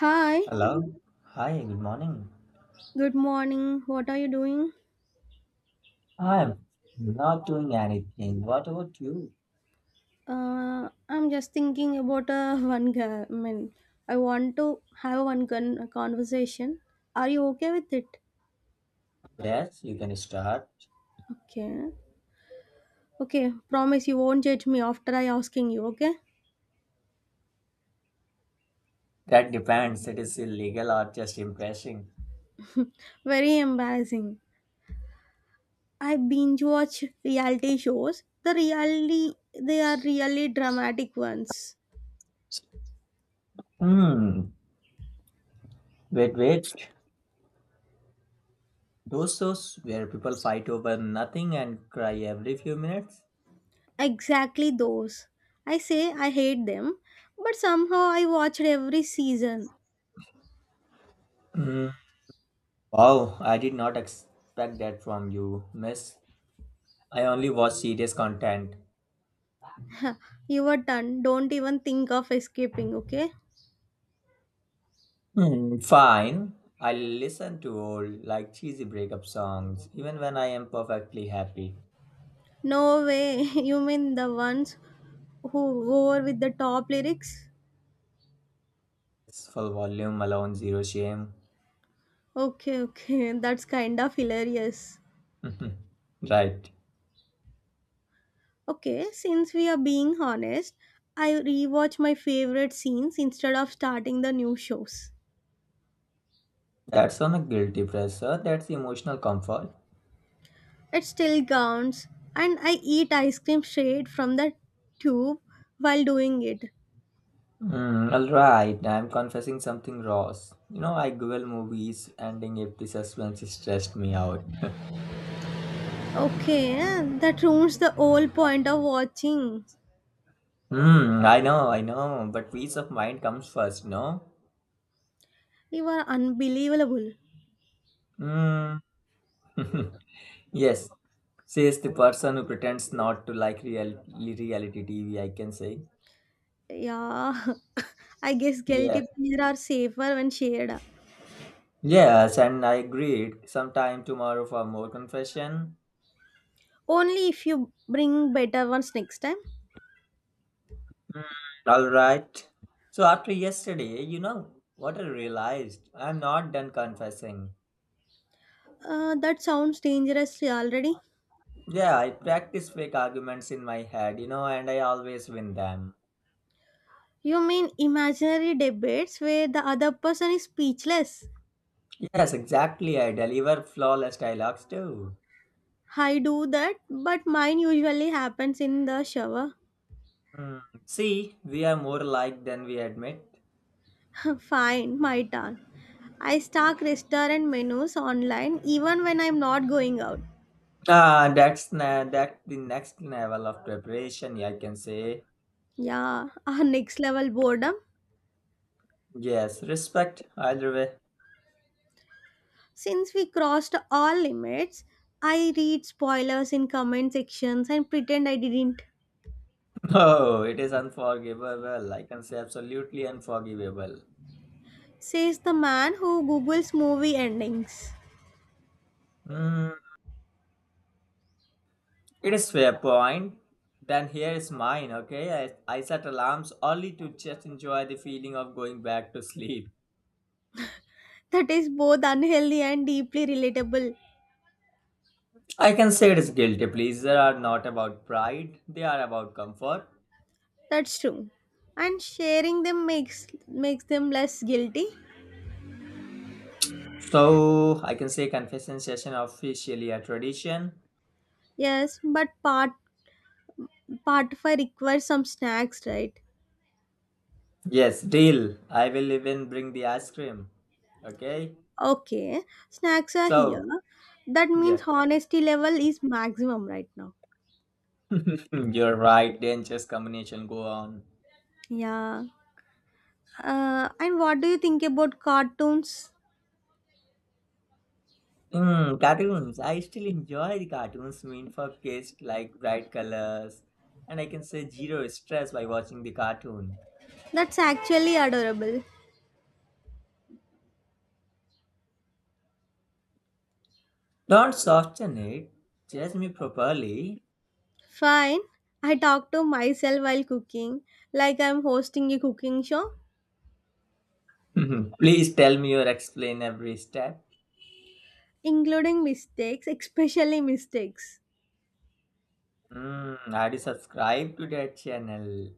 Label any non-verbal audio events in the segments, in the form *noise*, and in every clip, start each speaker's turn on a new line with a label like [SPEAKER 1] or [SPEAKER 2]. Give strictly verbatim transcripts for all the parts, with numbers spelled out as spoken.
[SPEAKER 1] Hi,
[SPEAKER 2] Hello. Hi, good morning.
[SPEAKER 1] good morning. What are you doing?
[SPEAKER 2] I'm not doing anything. What about you?
[SPEAKER 1] Uh, I'm just thinking about uh, *laughs* one guy. I mean, I want to have one con- conversation. Are you okay with it?
[SPEAKER 2] Yes, you can start.
[SPEAKER 1] Okay. Okay, promise you won't judge me after I asking you, okay?
[SPEAKER 2] That depends. It is illegal or just impressing.
[SPEAKER 1] Very embarrassing. I binge watch reality shows. The reality, they are really dramatic ones.
[SPEAKER 2] Hmm. Wait, wait. Those shows where people fight over nothing and cry every few minutes?
[SPEAKER 1] Exactly those. I say I hate them, but somehow I watched every season.
[SPEAKER 2] Hmm. Wow, I did not expect that from you, miss. I only watch serious content.
[SPEAKER 1] You are done. Don't even think of escaping, okay?
[SPEAKER 2] Hmm, fine. I listen to old, like cheesy breakup songs, even when I am perfectly happy.
[SPEAKER 1] No way. *laughs* You mean the ones who go over with the top lyrics?
[SPEAKER 2] It's full volume alone, zero shame.
[SPEAKER 1] Okay, okay. *laughs* That's kind of hilarious.
[SPEAKER 2] *laughs* Mhm. Right.
[SPEAKER 1] Okay, since we are being honest, I rewatch my favorite scenes instead of starting the new shows.
[SPEAKER 2] That's on a guilty pressure. That's emotional comfort.
[SPEAKER 1] It still counts, and I eat ice cream straight from the tube while doing it.
[SPEAKER 2] Hmm, alright, I'm confessing something gross. You know, I Google movies ending if the suspense stressed me out. *laughs*
[SPEAKER 1] Okay, that ruins the whole point of watching.
[SPEAKER 2] Hmm, I know, I know, but peace of mind comes first, no?
[SPEAKER 1] You are unbelievable.
[SPEAKER 2] Hmm. *laughs* Yes, says the person who pretends not to like reality, reality T V, I can say.
[SPEAKER 1] Yeah, *laughs* I guess
[SPEAKER 2] Yeah.
[SPEAKER 1] guilty pleasure are safer when shared.
[SPEAKER 2] Yes, and I agreed. Sometime tomorrow for more confession.
[SPEAKER 1] Only if you bring better ones next time.
[SPEAKER 2] Mm, all right. So after yesterday, you know what I realized? I'm not done confessing.
[SPEAKER 1] Uh, that sounds dangerous already.
[SPEAKER 2] Yeah, I practice fake arguments in my head, you know, and I always win them.
[SPEAKER 1] You mean imaginary debates where the other person is speechless?
[SPEAKER 2] Yes, exactly. I deliver flawless dialogues too.
[SPEAKER 1] I do that, but mine usually happens in the shower.
[SPEAKER 2] Hmm. See, we are more alike than we admit.
[SPEAKER 1] *laughs* Fine, my turn. I stalk restaurant menus online even when I'm not going out.
[SPEAKER 2] Ah, that's na- that the next level of preparation, yeah, I can say.
[SPEAKER 1] Yeah, *laughs* our next level boredom.
[SPEAKER 2] Yes, respect either way.
[SPEAKER 1] Since we crossed all limits, I read spoilers in comment sections and pretend I didn't,
[SPEAKER 2] *laughs* Oh, it is unforgivable. I can say absolutely unforgivable.
[SPEAKER 1] says the man who Googles movie endings.
[SPEAKER 2] Mm, it is fair point. Then here is mine, okay? I, I set alarms only to just enjoy the feeling of going back to sleep.
[SPEAKER 1] That is both unhealthy and deeply relatable.
[SPEAKER 2] I can say it is guilty pleaser are not about pride, they are about comfort.
[SPEAKER 1] That's true. And sharing them makes makes them less guilty.
[SPEAKER 2] So I can say confession session officially a tradition.
[SPEAKER 1] Yes, but part part five requires some snacks, right?
[SPEAKER 2] Yes, deal. I will even bring the ice cream. Okay?
[SPEAKER 1] Okay, snacks are here.
[SPEAKER 2] So,
[SPEAKER 1] That means
[SPEAKER 2] yeah.
[SPEAKER 1] honesty level is maximum right now.
[SPEAKER 2] *laughs* You're right, dangerous combination go on.
[SPEAKER 1] Yeah. Uh, and what do you think about cartoons?
[SPEAKER 2] Mm, cartoons. I still enjoy the cartoons mean for kids like bright colors, and I can say zero stress by watching the cartoon.
[SPEAKER 1] That's actually adorable.
[SPEAKER 2] Don't soften it. Judge me properly.
[SPEAKER 1] Fine. I talk to myself while cooking, like I'm hosting a cooking show,
[SPEAKER 2] *laughs* Please tell me or explain every step.
[SPEAKER 1] including mistakes, especially mistakes.
[SPEAKER 2] Mm, I do subscribe to that channel.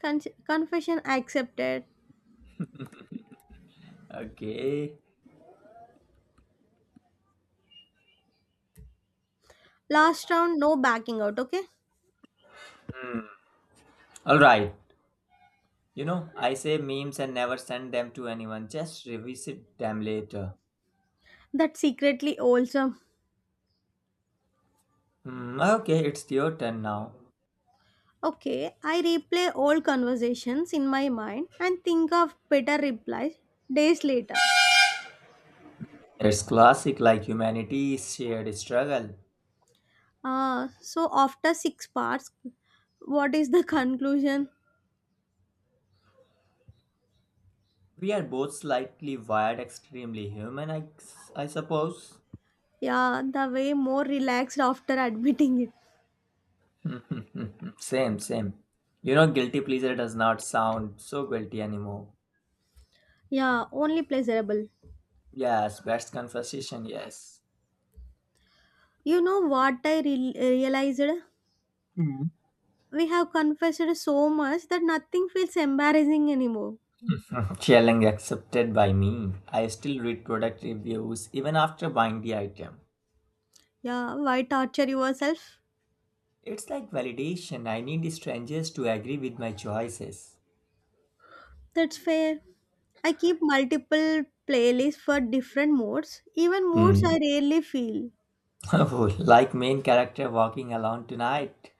[SPEAKER 1] Con- Confession accepted.
[SPEAKER 2] Okay.
[SPEAKER 1] Last round, no backing out, okay?
[SPEAKER 2] Hmm. All right. You know, I say memes and never send them to anyone. Just revisit them later.
[SPEAKER 1] That's secretly awesome.
[SPEAKER 2] Hmm, okay, it's your turn now.
[SPEAKER 1] Okay, I replay old conversations in my mind and think of better replies days later.
[SPEAKER 2] It's classic like humanity's shared struggle.
[SPEAKER 1] Uh, so after six parts, what is the *laughs* conclusion?
[SPEAKER 2] We are both slightly wired, extremely human, I, I suppose.
[SPEAKER 1] Yeah, the way more relaxed after *laughs* admitting it.
[SPEAKER 2] *laughs* Same, same. You know, guilty pleasure does not sound so guilty anymore.
[SPEAKER 1] Yeah, only pleasurable.
[SPEAKER 2] Yes, best conversation, yes.
[SPEAKER 1] You know what I re- realized?
[SPEAKER 2] Hmm.
[SPEAKER 1] We have confessed so much that nothing feels embarrassing anymore.
[SPEAKER 2] *laughs* Challenge accepted by me. I still read product reviews even after buying the item.
[SPEAKER 1] Yeah, why torture yourself?
[SPEAKER 2] It's like validation. I need strangers to agree with my choices.
[SPEAKER 1] That's fair. I keep multiple playlists for different moods, even moods
[SPEAKER 2] Hmm.
[SPEAKER 1] I
[SPEAKER 2] *laughs*
[SPEAKER 1] rarely feel.
[SPEAKER 2] Oh, like main character walking alone tonight.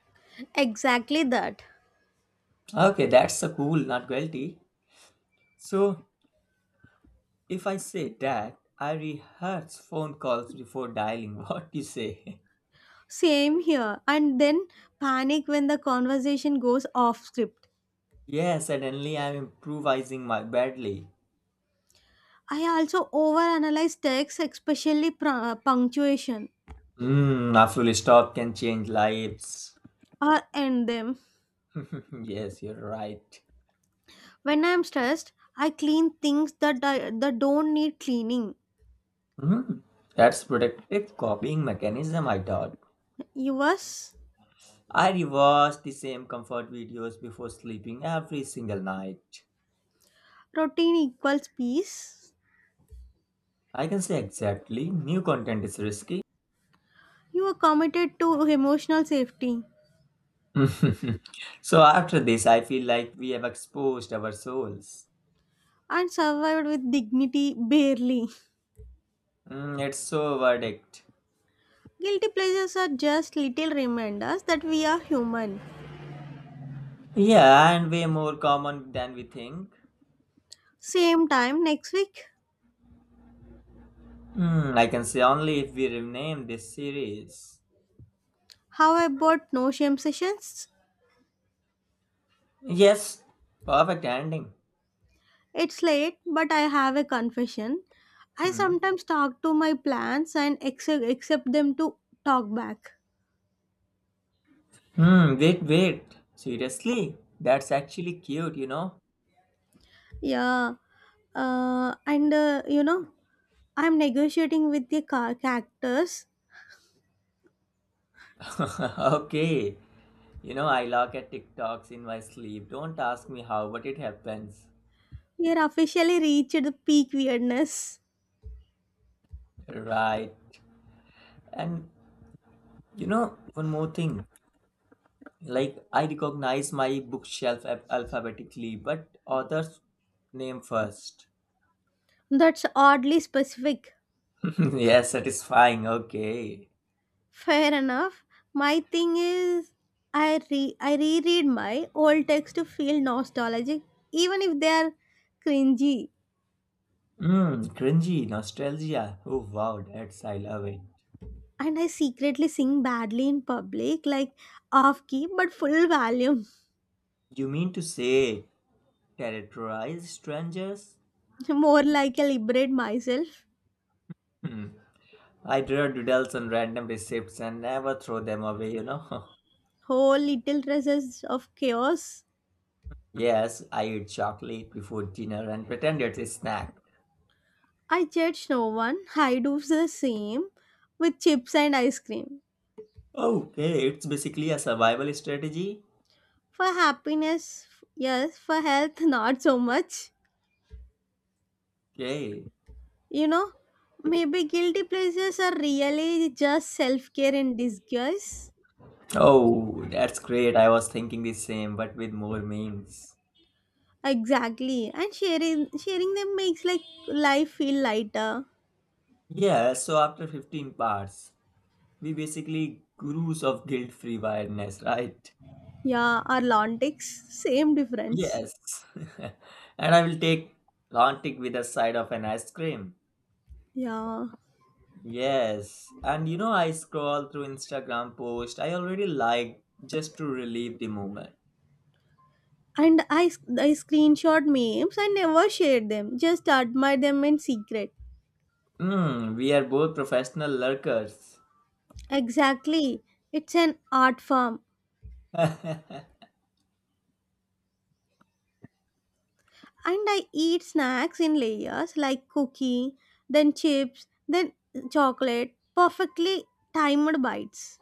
[SPEAKER 1] Exactly that.
[SPEAKER 2] Okay, that's so cool, not guilty. So, if I say that, I rehearse phone calls before dialing. *laughs* What do you say?
[SPEAKER 1] Same here. And then panic when the conversation goes off script.
[SPEAKER 2] Yeah, suddenly I'm improvising my badly.
[SPEAKER 1] I also overanalyze texts, especially pr- punctuation
[SPEAKER 2] Hmm, a full stop can change lives.
[SPEAKER 1] or end them.
[SPEAKER 2] *laughs* Yes, you're right.
[SPEAKER 1] When I'm stressed, I clean things that, I, that don't need cleaning.
[SPEAKER 2] Hmm, that's protective copying mechanism, I thought.
[SPEAKER 1] Yours?
[SPEAKER 2] I rewatch the same comfort videos before sleeping every single night.
[SPEAKER 1] Routine equals peace.
[SPEAKER 2] I can say exactly, new content is risky.
[SPEAKER 1] You are committed to emotional safety
[SPEAKER 2] *laughs* So after this, I feel like we have exposed our souls.
[SPEAKER 1] and survived with dignity barely.
[SPEAKER 2] Mm, it's so verdict.
[SPEAKER 1] Guilty pleasures are just little reminders that we are human.
[SPEAKER 2] Yeah, and way more common than we think.
[SPEAKER 1] Same time next week.
[SPEAKER 2] Mm, I can say only if we rename this series.
[SPEAKER 1] How about no shame sessions?
[SPEAKER 2] Yes, perfect ending.
[SPEAKER 1] It's late, but I have a confession. I
[SPEAKER 2] Hmm.
[SPEAKER 1] sometimes talk to my plants and ex- accept them to talk back.
[SPEAKER 2] Hmm. Wait, wait. Seriously, that's actually cute, you know.
[SPEAKER 1] Yeah, uh, and uh, you know, I'm negotiating with the ca- cactus.
[SPEAKER 2] *laughs* Okay. You know, I look at TikToks in my sleep. Don't ask me how, but it happens.
[SPEAKER 1] We are officially reached the peak weirdness.
[SPEAKER 2] Right. And you know, one more thing. Like, I recognize my bookshelf alph- alphabetically, but author's name first.
[SPEAKER 1] That's oddly specific.
[SPEAKER 2] *laughs* Yes, satisfying. Okay.
[SPEAKER 1] Fair enough. My thing is, I re I reread my old texts to feel nostalgic, even if they are cringy.
[SPEAKER 2] Mm, cringy, nostalgia. Oh, wow, that's, I love it.
[SPEAKER 1] And I secretly sing badly in public, like off key but full volume.
[SPEAKER 2] You mean to say terrorize strangers?
[SPEAKER 1] *laughs* More like I liberate myself.
[SPEAKER 2] Hmm. I draw doodles on random receipts and never throw them away, you know. *laughs*
[SPEAKER 1] Whole little dresses of chaos.
[SPEAKER 2] Yes, I eat chocolate before dinner and pretend it's a snack.
[SPEAKER 1] I judge no one. I do the same with chips and ice cream.
[SPEAKER 2] Okay, it's basically a survival strategy.
[SPEAKER 1] For happiness, yes. For health, *laughs* not so much.
[SPEAKER 2] Okay.
[SPEAKER 1] You know, maybe guilty pleasures are really just self care in disguise.
[SPEAKER 2] Oh, that's great. I was thinking the same, but with more memes.
[SPEAKER 1] Exactly, and sharing sharing them makes like life feel lighter.
[SPEAKER 2] Yeah, so after fifteen parts, we basically gurus of guilt-free weirdness, right?
[SPEAKER 1] Yeah, our Lantics, same difference.
[SPEAKER 2] Yes. *laughs* And I will take Lantic with a side of an ice cream.
[SPEAKER 1] Yeah.
[SPEAKER 2] Yes. And you know, I scroll through Instagram post I already like just to relieve the moment.
[SPEAKER 1] And I, I screenshot memes. I never shared them. Just admire them in secret.
[SPEAKER 2] Hmm, we are both professional lurkers.
[SPEAKER 1] Exactly. It's an art form.
[SPEAKER 2] *laughs*
[SPEAKER 1] And I eat snacks in layers like cookie, then chips, then chocolate. Perfectly timed bites.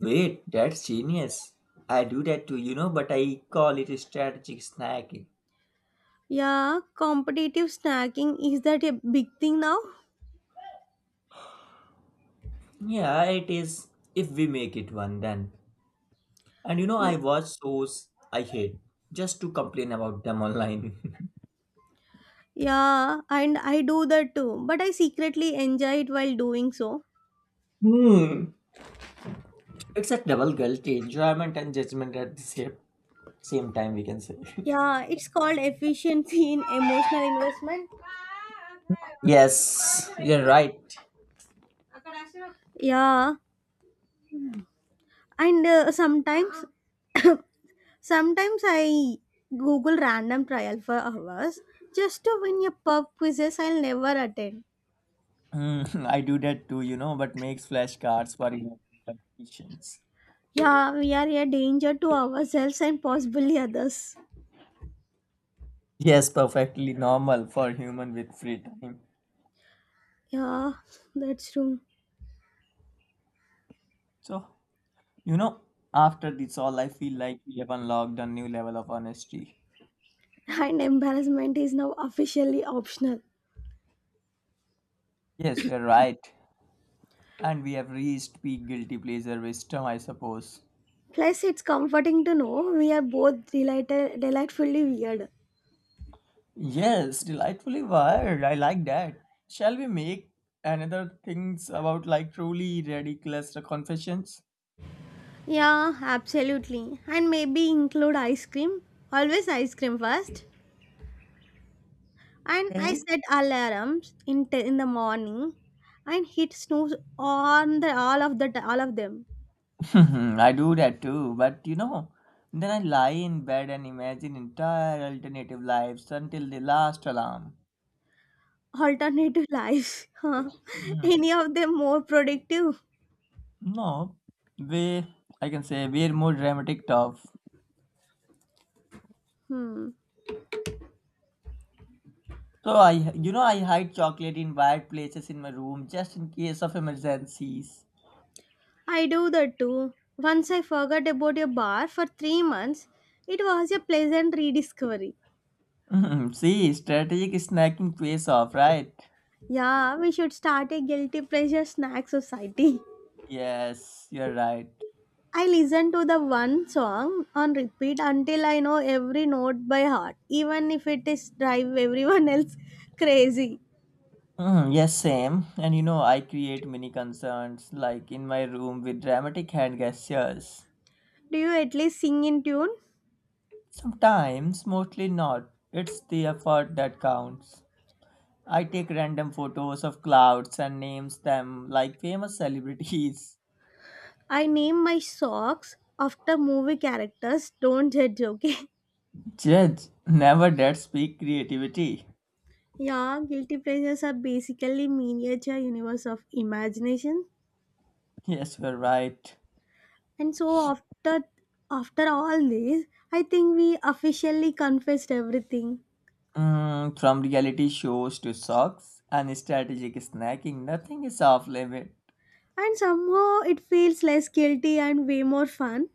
[SPEAKER 2] Wait, that's genius. I do that too, you know, but I call it strategic snacking.
[SPEAKER 1] Yeah, competitive snacking is that a big thing now?
[SPEAKER 2] Yeah, it is if we make it one then. And you know,
[SPEAKER 1] Ye-
[SPEAKER 2] I watch shows I hate just to complain about them online. *laughs*
[SPEAKER 1] Yeah, and I do that too. But I secretly enjoy it while doing so.
[SPEAKER 2] Hmm. It's a double guilty enjoyment and judgment at the same, same time, we can say.
[SPEAKER 1] Yeah, it's called efficiency in emotional investment.
[SPEAKER 2] *laughs* Yes, you're right.
[SPEAKER 1] Yeah, and uh, sometimes, sometimes I Google random trial for hours just to win a pub quizzes I'll never attend.
[SPEAKER 2] Hmm, *laughs* I do that too, you know, but makes flashcards for emotional competitions.
[SPEAKER 1] Yeah, we are a danger to ourselves and possibly others.
[SPEAKER 2] Yes, perfectly normal for human with free time.
[SPEAKER 1] Yeah, that's true.
[SPEAKER 2] So, you know, after this all, I feel like we have unlocked a new level of honesty.
[SPEAKER 1] And embarrassment is now officially optional.
[SPEAKER 2] Yes, you're right. And we have reached peak guilty pleasure wisdom, I suppose.
[SPEAKER 1] Plus, it's comforting to know we are both delighted, delightfully weird.
[SPEAKER 2] Yes, delightfully wired. I like that. Shall we make another things about like truly ridiculous confessions?
[SPEAKER 1] Yeah, absolutely. And maybe include ice cream. Always ice cream first. And I
[SPEAKER 2] Hey?
[SPEAKER 1] set alarms in t- in the morning and hit snooze on the all of the t- all of them.
[SPEAKER 2] *laughs* I do that too, but you know, then I lie in bed and imagine entire alternative lives until the last alarm.
[SPEAKER 1] Alternative *laughs* life. Huh.
[SPEAKER 2] Mhm.
[SPEAKER 1] Any of them more productive?
[SPEAKER 2] No, we I can say we're more dramatic tough.
[SPEAKER 1] Hmm.
[SPEAKER 2] So I, you know, I hide chocolate in wide places in my room just in case of emergencies.
[SPEAKER 1] I do that too. Once I forgot about your bar for three months, it was a pleasant rediscovery.
[SPEAKER 2] Mhm. *laughs* See, strategic snacking pays off, right?
[SPEAKER 1] Yeah, we should start a guilty pleasure snack society. *laughs*
[SPEAKER 2] Yes, you're right.
[SPEAKER 1] I listen to the one song on repeat until I know every note by heart, even if it is drive everyone else *laughs* crazy.
[SPEAKER 2] Mhm. Yes, same. And you know, I create mini concerns like in my room with dramatic hand gestures.
[SPEAKER 1] Do you at least sing in tune?
[SPEAKER 2] Sometimes, mostly not. It's the effort that counts. I take random photos of clouds and names them like famous celebrities.
[SPEAKER 1] I name my socks after movie characters. Don't judge, okay?
[SPEAKER 2] *laughs* Judge never did speak creativity.
[SPEAKER 1] *laughs* Yeah, guilty pleasures are basically miniature universe of imagination.
[SPEAKER 2] Yes, you're right.
[SPEAKER 1] And so after after all this, I think we officially confessed everything.
[SPEAKER 2] Mm, from reality shows to socks and strategic snacking, nothing is off limit.
[SPEAKER 1] And somehow it feels less guilty and way more fun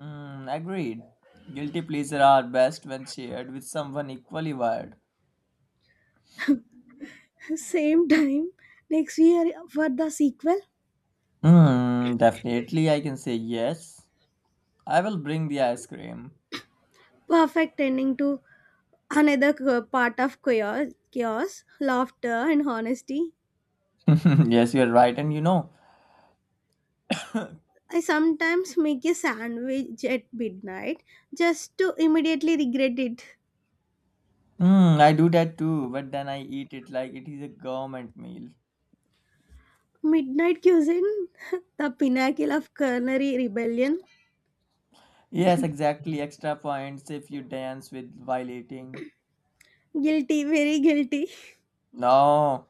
[SPEAKER 2] Mm, agreed. Guilty pleasure are best when shared with someone equally wired.
[SPEAKER 1] same time next year for the sequel.
[SPEAKER 2] Mm, definitely, I can say yes. I will bring the ice cream.
[SPEAKER 1] Perfect ending to another co- part of chaos, chaos, laughter, and honesty.
[SPEAKER 2] *laughs* Yes, you're right, and you know, *laughs*
[SPEAKER 1] I sometimes make a sandwich at midnight just to immediately regret it.
[SPEAKER 2] Mm, I do that too, but then I eat it like it is a government meal.
[SPEAKER 1] Midnight cuisine, *laughs* the pinnacle of culinary rebellion.
[SPEAKER 2] Yes, exactly. Extra points if you dance with while eating.
[SPEAKER 1] Guilty, very guilty. *laughs*
[SPEAKER 2] No,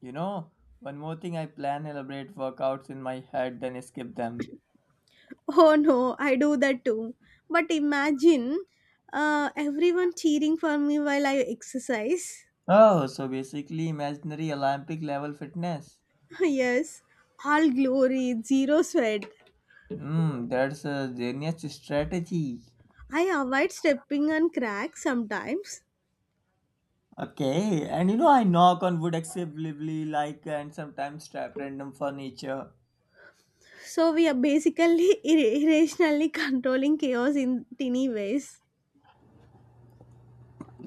[SPEAKER 2] you know, one more thing I plan elaborate workouts in my head, then skip them.
[SPEAKER 1] Oh no, I do that too. But imagine uh, everyone cheering for me while I exercise.
[SPEAKER 2] Oh, so basically imaginary Olympic level fitness.
[SPEAKER 1] *laughs* Yes, all glory, zero sweat.
[SPEAKER 2] Hmm, that's a genius strategy.
[SPEAKER 1] I avoid stepping on cracks sometimes.
[SPEAKER 2] Okay, and you know I knock on wood excessively like and sometimes trap random furniture.
[SPEAKER 1] So we are basically *laughs* ir- irrationally controlling chaos in teeny ways.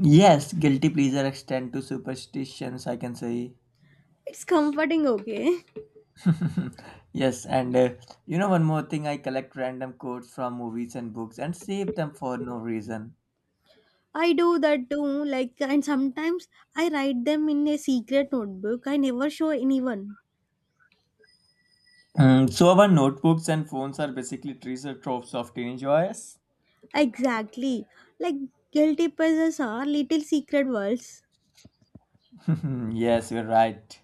[SPEAKER 2] Yes, guilty pleasure extend to superstitions, I can say.
[SPEAKER 1] It's comforting, okay?
[SPEAKER 2] *laughs* Yes, and uh, you know, one more thing I collect random quotes from movies and books and save them for no reason.
[SPEAKER 1] I do that too, like, and sometimes I write them in a secret notebook. I never show anyone.
[SPEAKER 2] Mm, so, our notebooks and phones are basically treasure troves of teenage joys.
[SPEAKER 1] Exactly. Like, guilty pleasures are little secret worlds.
[SPEAKER 2] *laughs* Yes, you're right.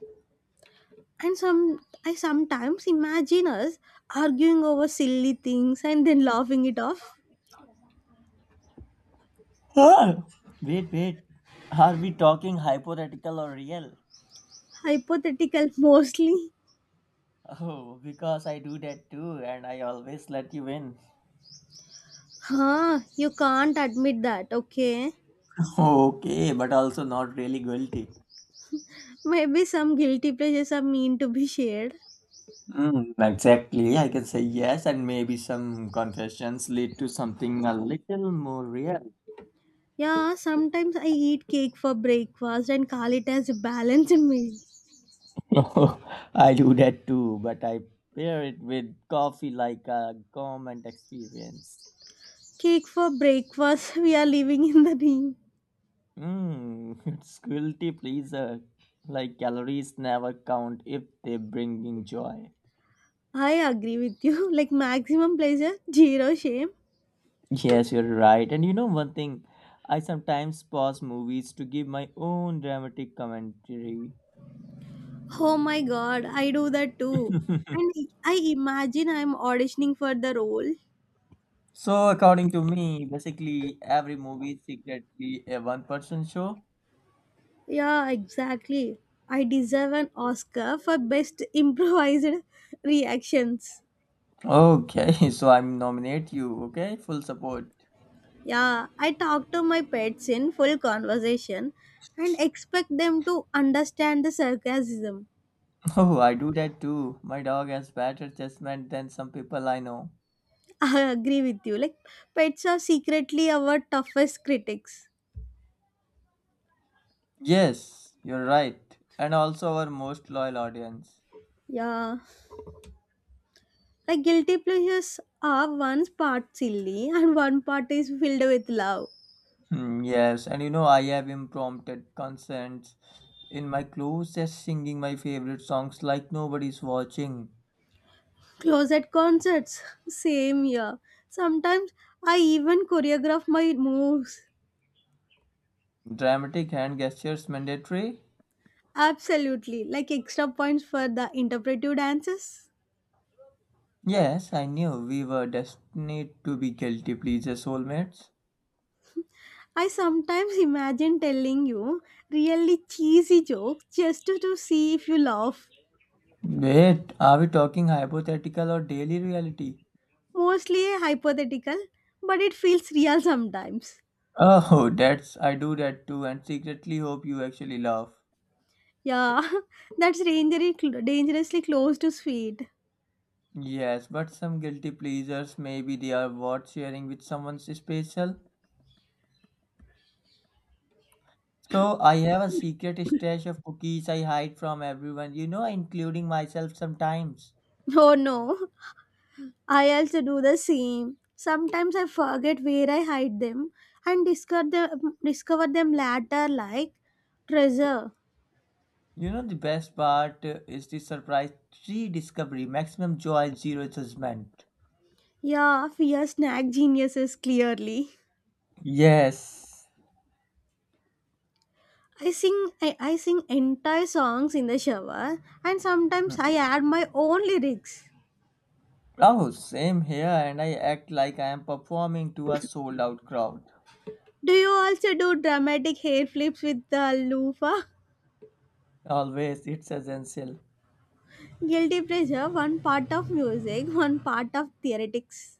[SPEAKER 1] And some I sometimes imagine us arguing over silly things and then laughing it off.
[SPEAKER 2] Ah, wait, wait. Are we talking hypothetical or real?
[SPEAKER 1] Hypothetical mostly.
[SPEAKER 2] Oh, because I do that too, and I always let you win. *laughs*
[SPEAKER 1] Huh, you can't admit that, okay?
[SPEAKER 2] Okay, but also not really guilty.
[SPEAKER 1] Maybe some guilty pleasures are meant to be shared.
[SPEAKER 2] Mm, exactly. I can say yes, and maybe some confessions lead to something a little more real.
[SPEAKER 1] Yeah, sometimes I eat cake for breakfast and call it as a balanced meal.
[SPEAKER 2] *laughs* I do that too, but I pair it with coffee like a gourmet experience.
[SPEAKER 1] Cake for breakfast, *laughs* we are living in the dream.
[SPEAKER 2] Mm, *laughs* it's guilty pleaser. Like calories never count if they bring in joy.
[SPEAKER 1] I agree with you. *laughs* Like maximum pleasure, zero shame.
[SPEAKER 2] Yes, you're right. And you know one thing, I sometimes pause movies to give my own dramatic commentary.
[SPEAKER 1] Oh my god, I do that too.
[SPEAKER 2] *laughs*
[SPEAKER 1] And I imagine I'm auditioning for the role.
[SPEAKER 2] So, according to me, basically every movie is secretly a one-person show.
[SPEAKER 1] Yeah, exactly. I deserve an Oscar for best *laughs* improvised reactions.
[SPEAKER 2] Okay, *laughs* so I'm nominate you. Okay, full support. *laughs*
[SPEAKER 1] Yeah, I talk to my pets in full conversation and expect them to understand the sarcasm.
[SPEAKER 2] Oh, I do that too. My dog has better judgment than some people I know.
[SPEAKER 1] *laughs* I agree with you. Like, pets are secretly our toughest critics.
[SPEAKER 2] Yes, you're right, and also our most loyal audience.
[SPEAKER 1] Yeah, like guilty pleasures are one part silly *laughs* and one part is filled with love.
[SPEAKER 2] Hmm, yes, and you know I have impromptu concerts in my closet, singing my favorite songs like nobody's watching.
[SPEAKER 1] Closet concerts, same here. Sometimes I even choreograph my moves.
[SPEAKER 2] Dramatic hand gestures mandatory.
[SPEAKER 1] Absolutely, like extra points for the interpretive dances.
[SPEAKER 2] Yes, I knew we were destined to be guilty pleasure soulmates.
[SPEAKER 1] I sometimes imagine telling you really cheesy jokes just to, to see if you laugh.
[SPEAKER 2] Wait, are we talking hypothetical or daily reality?
[SPEAKER 1] Mostly hypothetical, but it feels real sometimes.
[SPEAKER 2] Oh, *laughs* that's I do that too and secretly hope you actually laugh.
[SPEAKER 1] Yeah, *laughs* that's dangerously dangerously close to sweet.
[SPEAKER 2] Yes, but some guilty pleasures maybe they are worth sharing with someone special. So I have a secret stash of cookies I hide from everyone, you know, including myself sometimes.
[SPEAKER 1] *laughs* Oh no, I also do the same. Sometimes I forget where I hide them and discover them, discover them later like treasure.
[SPEAKER 2] You know the best part uh, is the surprise tree discovery, maximum joy, zero judgment.
[SPEAKER 1] Yeah, we are snack geniuses clearly.
[SPEAKER 2] Yes.
[SPEAKER 1] I sing I, I sing entire songs in the shower and sometimes
[SPEAKER 2] Mm.
[SPEAKER 1] I add my own lyrics.
[SPEAKER 2] Oh, same here, and I act like I am performing to a sold out crowd.
[SPEAKER 1] Do you also do dramatic hair flips with the loofah?
[SPEAKER 2] Always, it's essential.
[SPEAKER 1] Guilty pleasure, one part of music, one part of theoretics.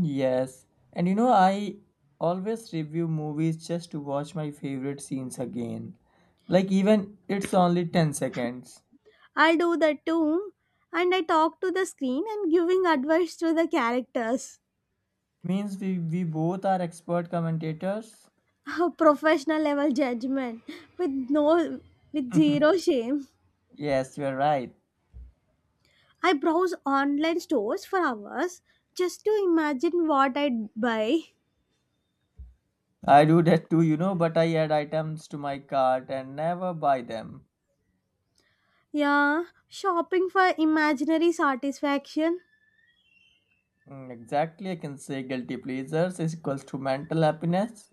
[SPEAKER 2] Yes. And you know, I always review movies just to watch my favorite scenes again. Like, even it's only 10 seconds.
[SPEAKER 1] I do that too. And I talk to the screen and giving advice to the characters.
[SPEAKER 2] Means we, we both are expert commentators.
[SPEAKER 1] *laughs* Professional level judgment with no with
[SPEAKER 2] *laughs*
[SPEAKER 1] zero shame.
[SPEAKER 2] Yes, you're right.
[SPEAKER 1] I browse online stores for hours just to imagine what I'd buy.
[SPEAKER 2] I do that too, you know, but I add items to my cart and never buy them.
[SPEAKER 1] Yeah, shopping for imaginary satisfaction.
[SPEAKER 2] Mm, Exactly, I can say guilty pleasures is equals to mental happiness.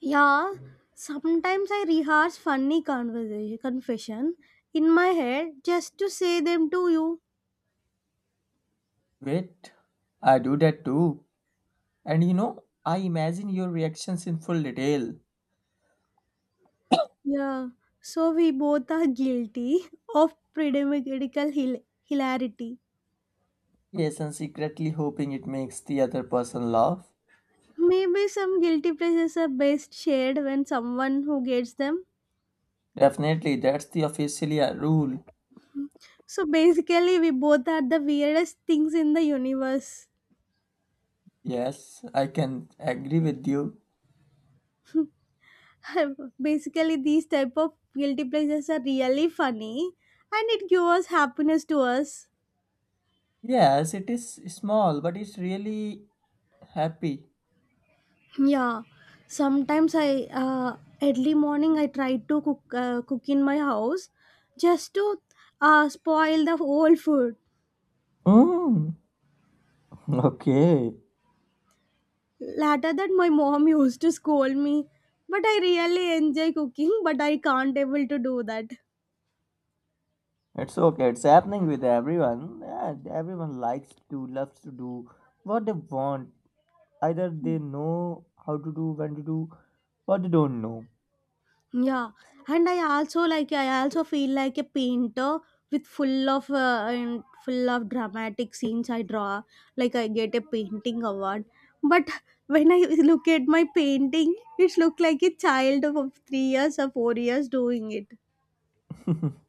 [SPEAKER 1] Yeah, sometimes I rehearse funny conversation confession in my head just to say them to you.
[SPEAKER 2] Wait, I do that too. And you know, I imagine your reactions in full detail.
[SPEAKER 1] Yeah, so we both are guilty *laughs* of pedagogical hil- hilarity.
[SPEAKER 2] Yes, and secretly hoping it makes the other person laugh.
[SPEAKER 1] Maybe some guilty pleasures are best shared when someone who gets them.
[SPEAKER 2] Definitely, that's the officially a rule.
[SPEAKER 1] So basically, we both are the weirdest things in the universe.
[SPEAKER 2] Yes, I can agree with you.
[SPEAKER 1] *laughs* Basically, these type of guilty pleasures are really funny, and it gives happiness to us.
[SPEAKER 2] Yes, it is small, but it's really happy.
[SPEAKER 1] Yeah, sometimes I uh, early morning I try to cook uh, cook in my house just to uh, spoil the whole food.
[SPEAKER 2] Mm, *laughs* okay.
[SPEAKER 1] Later that my mom *laughs* used to scold me, but I really enjoy cooking, but I can't able to do that.
[SPEAKER 2] It's okay. It's happening with everyone. Yeah, everyone likes to, loves to do what they want. Either they know how to do, when to do, or they don't know.
[SPEAKER 1] Yeah, and I also like I also feel like a painter with full of uh, and full of dramatic scenes I draw. Like I get a painting award, but when I *laughs* look at my painting, it look like a child of three years or four years doing it.
[SPEAKER 2] *laughs*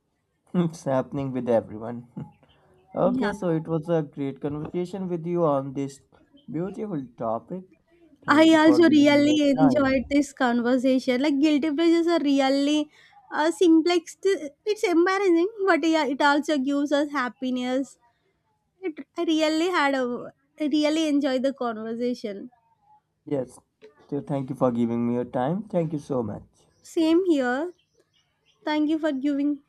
[SPEAKER 2] It's happening with everyone. *laughs*
[SPEAKER 1] Yeah,
[SPEAKER 2] Okay, so it was a great conversation with you on this beautiful topic. Thank
[SPEAKER 1] I
[SPEAKER 2] you for
[SPEAKER 1] also
[SPEAKER 2] giving me your
[SPEAKER 1] really enjoyed
[SPEAKER 2] time.
[SPEAKER 1] this conversation. Like guilty pleasures are really uh, simplex. It's embarrassing, but yeah, it also gives us happiness. It, I really had a, I really enjoyed the conversation.
[SPEAKER 2] Yes, so thank you for giving me your time. Thank you so much.
[SPEAKER 1] Same here. Thank you for giving